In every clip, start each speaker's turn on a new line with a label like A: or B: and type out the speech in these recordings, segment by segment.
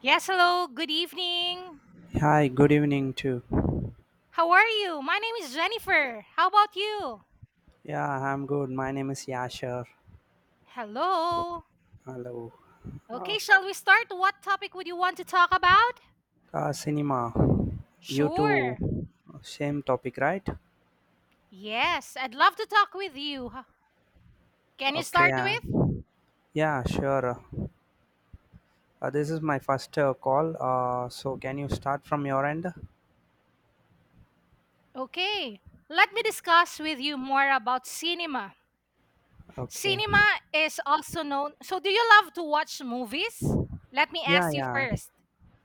A: Yes, hello, good evening.
B: Hi, good evening too.
A: How are you? My name is Jennifer. How about you?
B: Yeah, I'm good. My name is Yasher.
A: Hello.
B: Hello.
A: Okay,
B: Oh,
A: shall we start? What topic would you want to talk about?
B: cinema. You too.
A: Sure.
B: Same topic, right?
A: Yes, I'd love to talk with you. Can you
B: Okay.
A: start
B: Uh,
A: with?
B: yeah, sure. This is my first call. So can you start from your end?
A: Okay, let me discuss with you more about cinema.
B: Okay.
A: Cinema is also known. So, do you love to watch movies? Let me
B: Yeah,
A: ask you
B: yeah,
A: first.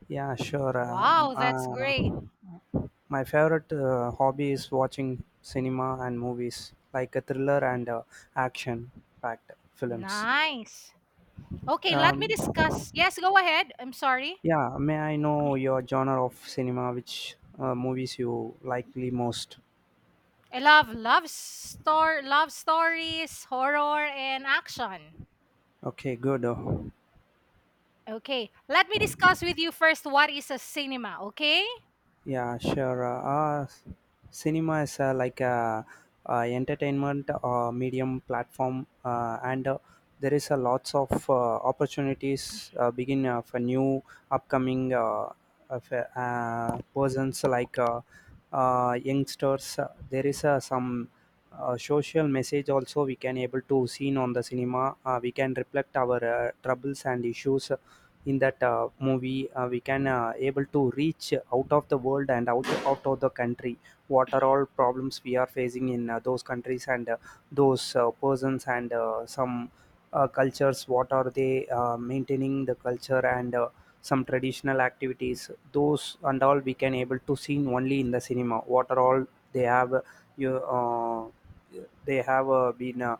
B: yeah, sure.
A: Wow, that's great.
B: My favorite hobby is watching cinema and movies, like a thriller and action-packed films.
A: Nice. Okay, let me
B: Um,
A: discuss. Yes, go ahead. I'm sorry.
B: Yeah, may I know your genre of cinema, which movies you likely most?
A: I love love stor love stories, horror, and action.
B: Okay, good.
A: Okay, let me discuss with you first what is a cinema, okay?
B: Yeah, sure. Cinema is like a, entertainment medium platform, and there is a lots of opportunities begin for new upcoming of, persons like youngsters. There is some social message also we can able to seen on the cinema. We can reflect our troubles and issues in that movie we can able to reach out of the world and out of the country what are all problems we are facing in those countries and those persons and some cultures what are they maintaining the culture and some traditional activities those and all we can able to see only in the cinema what are all they have you they have been uh,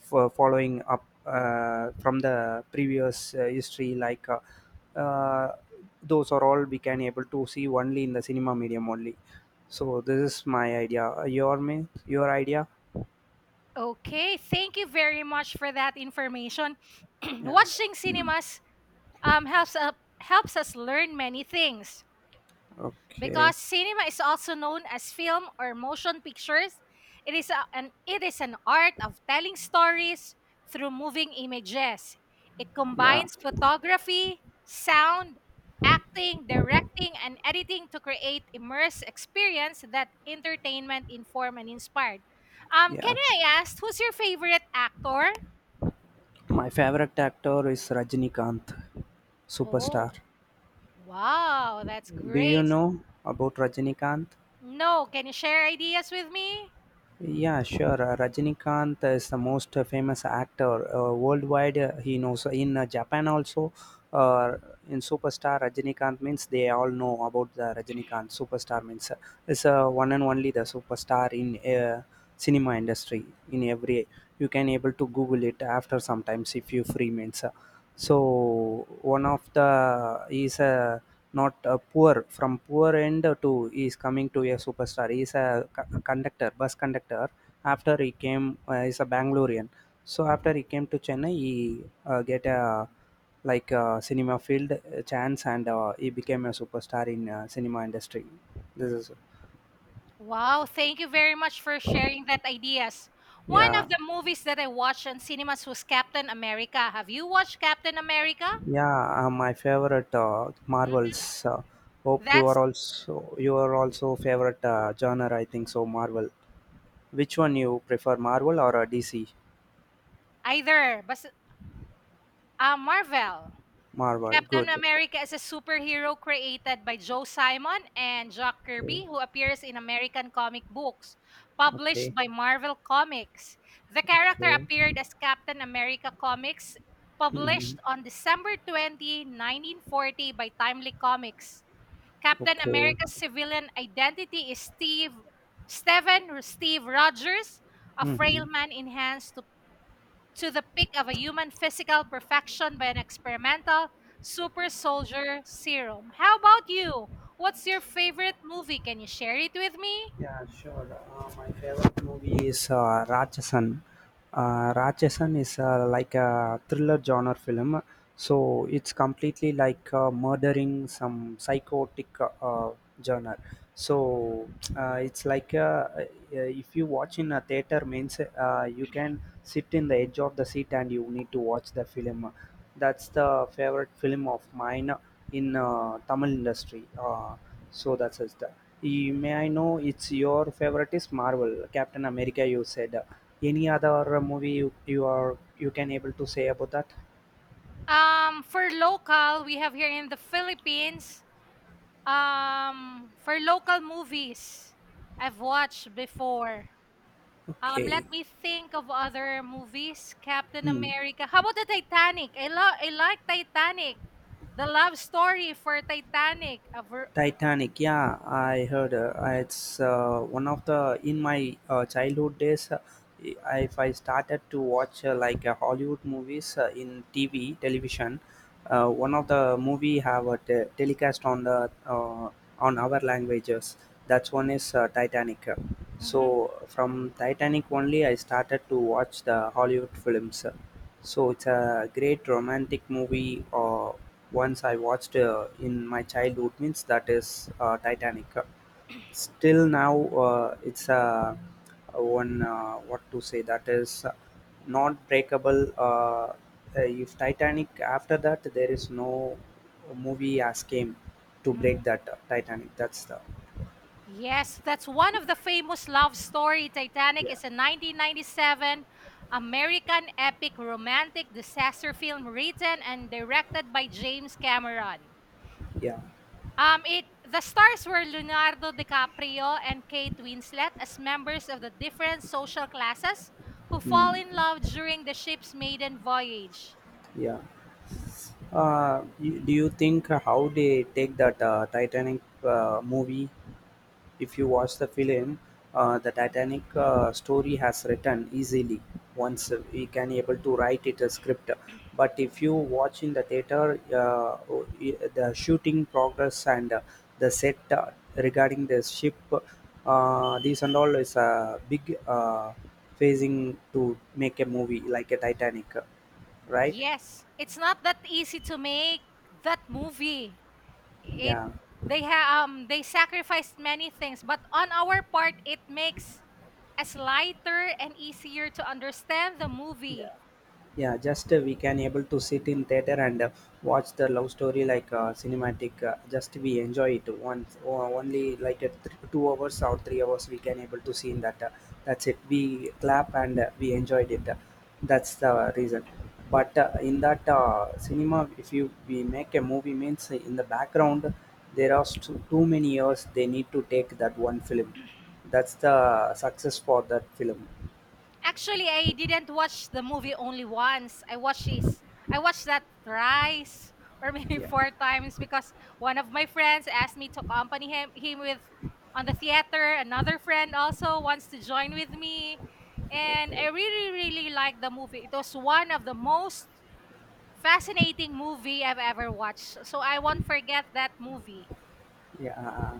B: fo- following up from the previous history like uh, those are all we can able to see only in the cinema medium only, so this is my idea. Your idea?
A: Okay, thank you very much for that information.
B: Yeah,
A: Watching cinemas helps, up helps us learn many things.
B: okay.
A: Because cinema is also known as film or motion pictures, it is a, an it is an art of telling stories through moving images. It
B: yeah
A: combines photography, sound, acting, directing and editing to create immersive experience that entertainment inform and inspired. Can
B: yeah
A: I ask who's your favorite actor?
B: my favorite actor is Rajinikanth, superstar.
A: Oh, wow, that's
B: Do you
A: great.
B: know about Rajinikanth?
A: No, can you share ideas with me?
B: Yeah, sure. Rajinikanth is the most famous actor worldwide. He knows in Japan also. Uh, in superstar Rajinikanth means they all know about the Rajinikanth superstar means it's one and only the superstar in uh, cinema industry in every, you can able to google it after sometimes if you free means so one of the he is a not a poor, from poor end to he is coming to a superstar. He is a conductor, bus conductor. After he came he's a Bangalorean, so after he came to Chennai he get a like a cinema field chance and he became a superstar in cinema industry. This is
A: Wow, thank you very much for sharing that ideas. One
B: yeah
A: of the movies that I watched in cinemas was Captain America. Have you watched Captain America?
B: yeah my favorite
A: Mm.
B: Marvels. Hope you
A: That's
B: are also, you are also favorite genre, I think so, Marvel. Which one you prefer, Marvel or DC?
A: either but Marvel.
B: Marvel,
A: Captain
B: good.
A: America is a superhero created by Joe Simon and Jack
B: Okay,
A: Kirby who appears in American comic books published
B: okay,
A: by Marvel Comics. The character
B: okay.
A: appeared as Captain America Comics
B: Hmm.
A: published on December 20, 1940 by Timely Comics. Captain
B: Okay.
A: America's civilian identity is Steve Rogers, a frail
B: Hmm.
A: man enhanced to the peak of a human physical perfection by an experimental super soldier serum. How about you? What's your favorite movie? Can you share it with me?
B: Yeah, sure. My favorite movie is Rajasan. Rajasan is like a thriller genre film. So it's completely like murdering, some psychotic genre. So it's like if you watch in a theater means you can sit in the edge of the seat and you need to watch the film. That's the favorite film of mine in Tamil industry. So that's it. May I know, it's your favorite is Marvel, Captain America, you said. Any other movie you are you can able to say about that?
A: For local, we have here in the Philippines. For local movies, I've watched before. Let
B: Okay.
A: me think of other movies. Captain
B: Hmm.
A: America. How about the Titanic? I love. I like Titanic. The love story for Titanic.
B: Titanic. Yeah, I heard it's one of the in my childhood days. If I started to watch like Hollywood movies in TV television, one of the movie have a telecast on the on our languages. That's one is Titanic. So from Titanic only, I started to watch the Hollywood films. So it's a great romantic movie. Once I watched in my childhood, means that is Titanic. Still now, it's a one what to say, that is not breakable. If Titanic, after that, there is no movie as came to break
A: Mhm.
B: that Titanic. That's the
A: Yes, that's one of the famous love story. Titanic
B: yeah
A: is a 1997 American epic romantic disaster film written and directed by James Cameron.
B: yeah
A: It the stars were Leonardo DiCaprio and Kate Winslet as members of the different social classes who fall in
B: mm,
A: love during the ship's maiden voyage.
B: yeah. You, do you think how they take that Titanic movie? If you watch the film, the Titanic story has written easily. Once we can able to write it a script, but if you watch in the theater, the shooting progress and the set regarding the ship, these and all is a big phasing to make a movie like a Titanic, right?
A: Yes, it's not that easy to make that movie. it
B: Yeah.
A: they sacrificed many things, but on our part it makes us lighter and easier to understand the
B: Yeah,
A: movie.
B: yeah. Just we can able to sit in theater and watch the love story like cinematic. Just we enjoy it once or only like a 2 hours or 3 hours we can able to see in that. That's it. We clap and we enjoyed it. That's the reason. But in that cinema, if you we make a movie means in the background there are too many years they need to take that one film. That's the success for that film.
A: Actually, I didn't watch the movie only once. I watched this I watched that thrice, or maybe
B: Yeah.
A: four times, because one of my friends asked me to accompany him with on the theater, another friend also wants to join with me, and i
B: Okay.
A: really really like the movie. It was one of the most fascinating movie I've ever watched. So I won't forget that movie.
B: Yeah,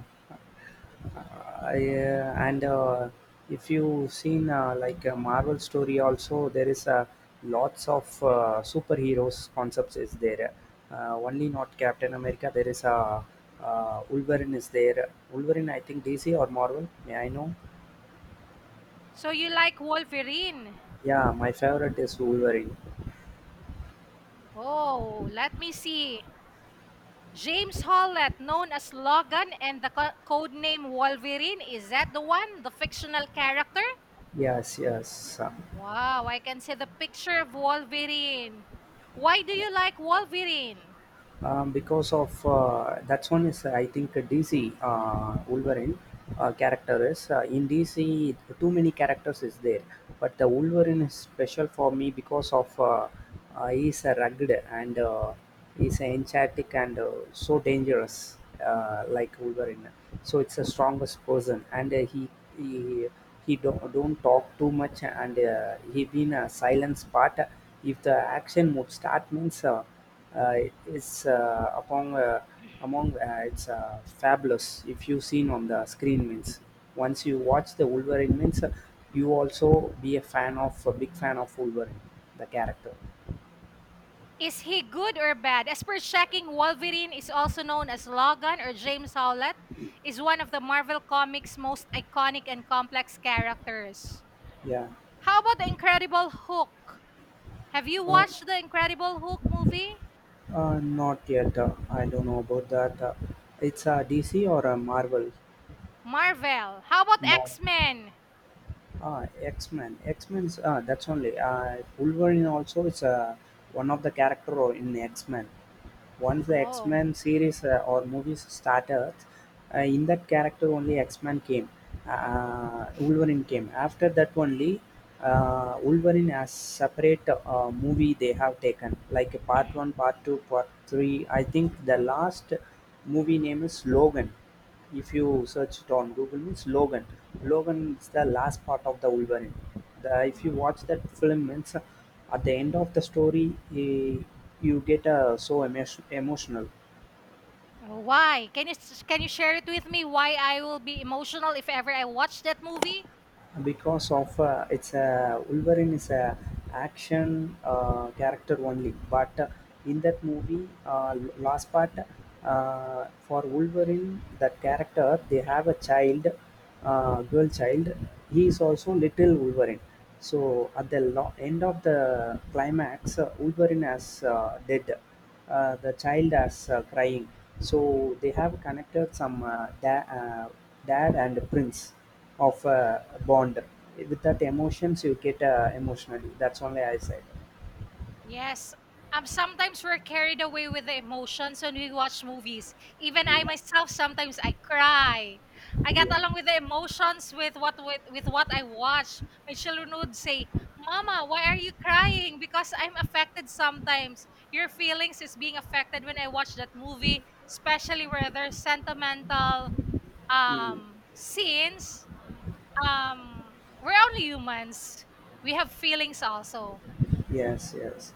B: yeah, and if you've seen like a Marvel story, also there is lots of superheroes concepts is there. Only not Captain America. There is a Wolverine is there. Wolverine, I think DC or Marvel. May I know?
A: So you like Wolverine?
B: Yeah, my favorite is Wolverine.
A: Oh, let me see. James Hollett, known as Logan and the codename Wolverine, is that the one? The fictional character?
B: Yes, yes,
A: Wow, I can see the picture of Wolverine. Why do you like Wolverine?
B: because of that's one is I think DC Wolverine character is in DC too many characters is there, but the Wolverine is special for me because of he's a rugged and he's enchantic and so dangerous like Wolverine. So it's the strongest person and he he don't talk too much and he been a silence part. If the action would start means. It's upon among it's fabulous. If you seen on the screen means, once you watch the Wolverine means you also be a fan, of a big fan of Wolverine, the character.
A: Is he good or bad? As per checking, Wolverine is also known as Logan or James Howlett, is one of the Marvel Comics' most iconic and complex characters.
B: Yeah,
A: How about the Incredible Hulk? Have you
B: uh,
A: watched the Incredible Hulk movie?
B: not yet. I don't know about that. It's DC or Marvel.
A: Marvel. How about
B: Marvel.
A: X Men?
B: Ah, X-Men. X-Men's ah, that's only Wolverine also is one of the character role in X-Men. Once the
A: Oh,
B: X-Men series or movies started, in that character only X-Men came. Wolverine came. After that only, Wolverine has separate movie they have taken like a part one, part two, part three. I think the last movie name is Logan, if you search it on Google means Logan. Logan is the last part of the Wolverine. The, if you watch that film, means at the end of the story, eh, you get so emotional.
A: oh, why? Can you share it with me? Why I will be emotional if ever I watch that movie?
B: Because of it's a Wolverine is a action character only, but in that movie last part for Wolverine, that character they have a child, girl child. He is also little Wolverine. So at the end of the climax, Wolverine has dead. The child has crying. So they have connected some dad and prince of a bond, with that emotions you get emotionally. That's only I said.
A: Yes. Sometimes we're carried away with the emotions when we watch movies. Even I
B: yeah
A: myself sometimes I cry. I get
B: yeah
A: along with the emotions with what I watch. My children would say, "Mama, why are you crying?" Because I'm affected sometimes. Your feelings is being affected when I watch that movie, especially where there's sentimental
B: mm.
A: scenes. We're only humans. We have feelings also.
B: Yes, yes.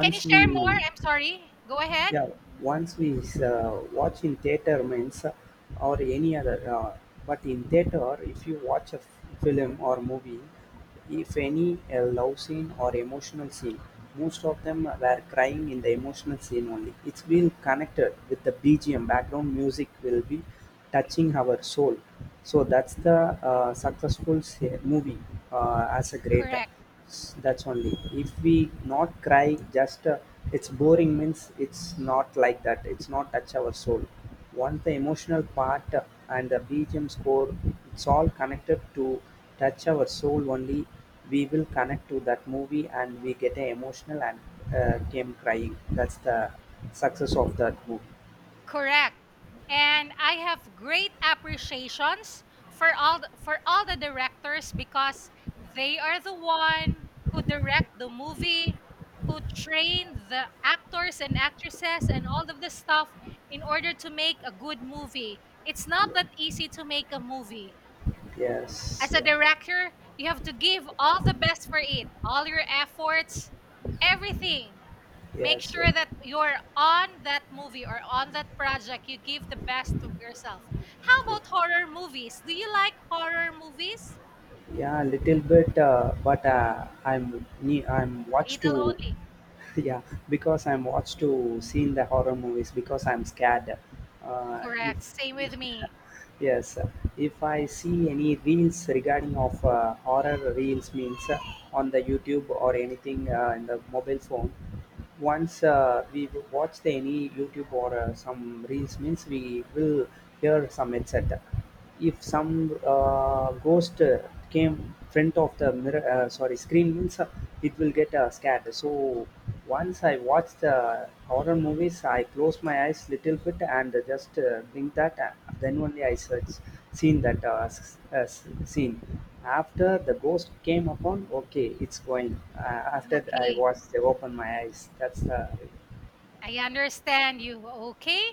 A: Can you
B: we
A: share more? I'm sorry. Go ahead.
B: yeah Once we watch in theater means or any other but in theater if you watch a film or movie, if any love scene or emotional scene, most of them were crying in the emotional scene only. It's been connected with the BGM, background music will be touching our soul. So that's the successful movie, as a greater,
A: Correct.
B: that's only. If we not cry, just it's boring means. It's not like that. It's not touch our soul. Once the emotional part and the BGM score, it's all connected to touch our soul only. We will connect to that movie and we get a emotional and came crying. That's the success of that movie.
A: Correct. And I have great appreciations for for all the directors because they are the one who direct the movie, who train the actors and actresses and all of the stuff in order to make a good movie. It's not
B: Yeah.
A: that easy to make a movie.
B: Yes.
A: As a
B: Yeah.
A: director, you have to give all the best for it, all your efforts, everything. Make
B: Yes. Yeah.
A: sure that you're on that movie or on that project. You give the best of yourself. How about horror movies? Do you like horror movies?
B: Yeah, little bit, but I'm I'm watched to,
A: Little only.
B: yeah, because I'm watched to seeing the horror movies because I'm scared. If
A: Correct. Same with me.
B: yes, if I see any reels regarding of horror reels means on the YouTube or anything in the mobile phone, once we watch the any YouTube or some reels means, we will hear some etc. If some ghost came front of the mirror, sorry, screen means, it will get scared. So once I watch the horror movies, I close my eyes little bit and just blink that. Then only I search, seen that scene. After the ghost came upon, okay it's going, uh, after I
A: Okay.
B: watched I open my eyes. That's the
A: I understand you. Okay.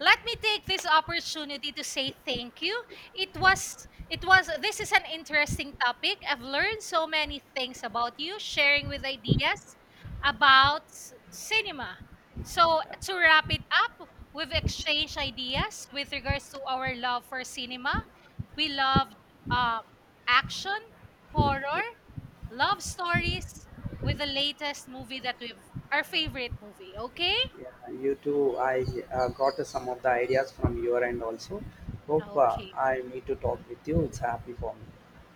A: Let me take this opportunity to say thank you. It was This is an interesting topic. I've learned so many things about you, sharing with ideas about cinema. So to wrap it up, we've exchanged ideas with regards to our love for cinema. We loved um, action,
B: yeah.
A: horror, love stories with the latest movie that we've our favorite movie, okay?
B: Yeah, you too. I got some of the ideas from your end also. Hope
A: Okay.
B: I need to talk with you. It's happy for me.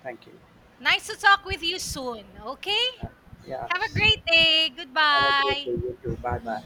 B: Thank you.
A: Nice to talk with you soon. Okay?
B: Uh, yeah,
A: Have a
B: sure.
A: great day.
B: Have a great day.
A: Goodbye.
B: You too. Bye bye.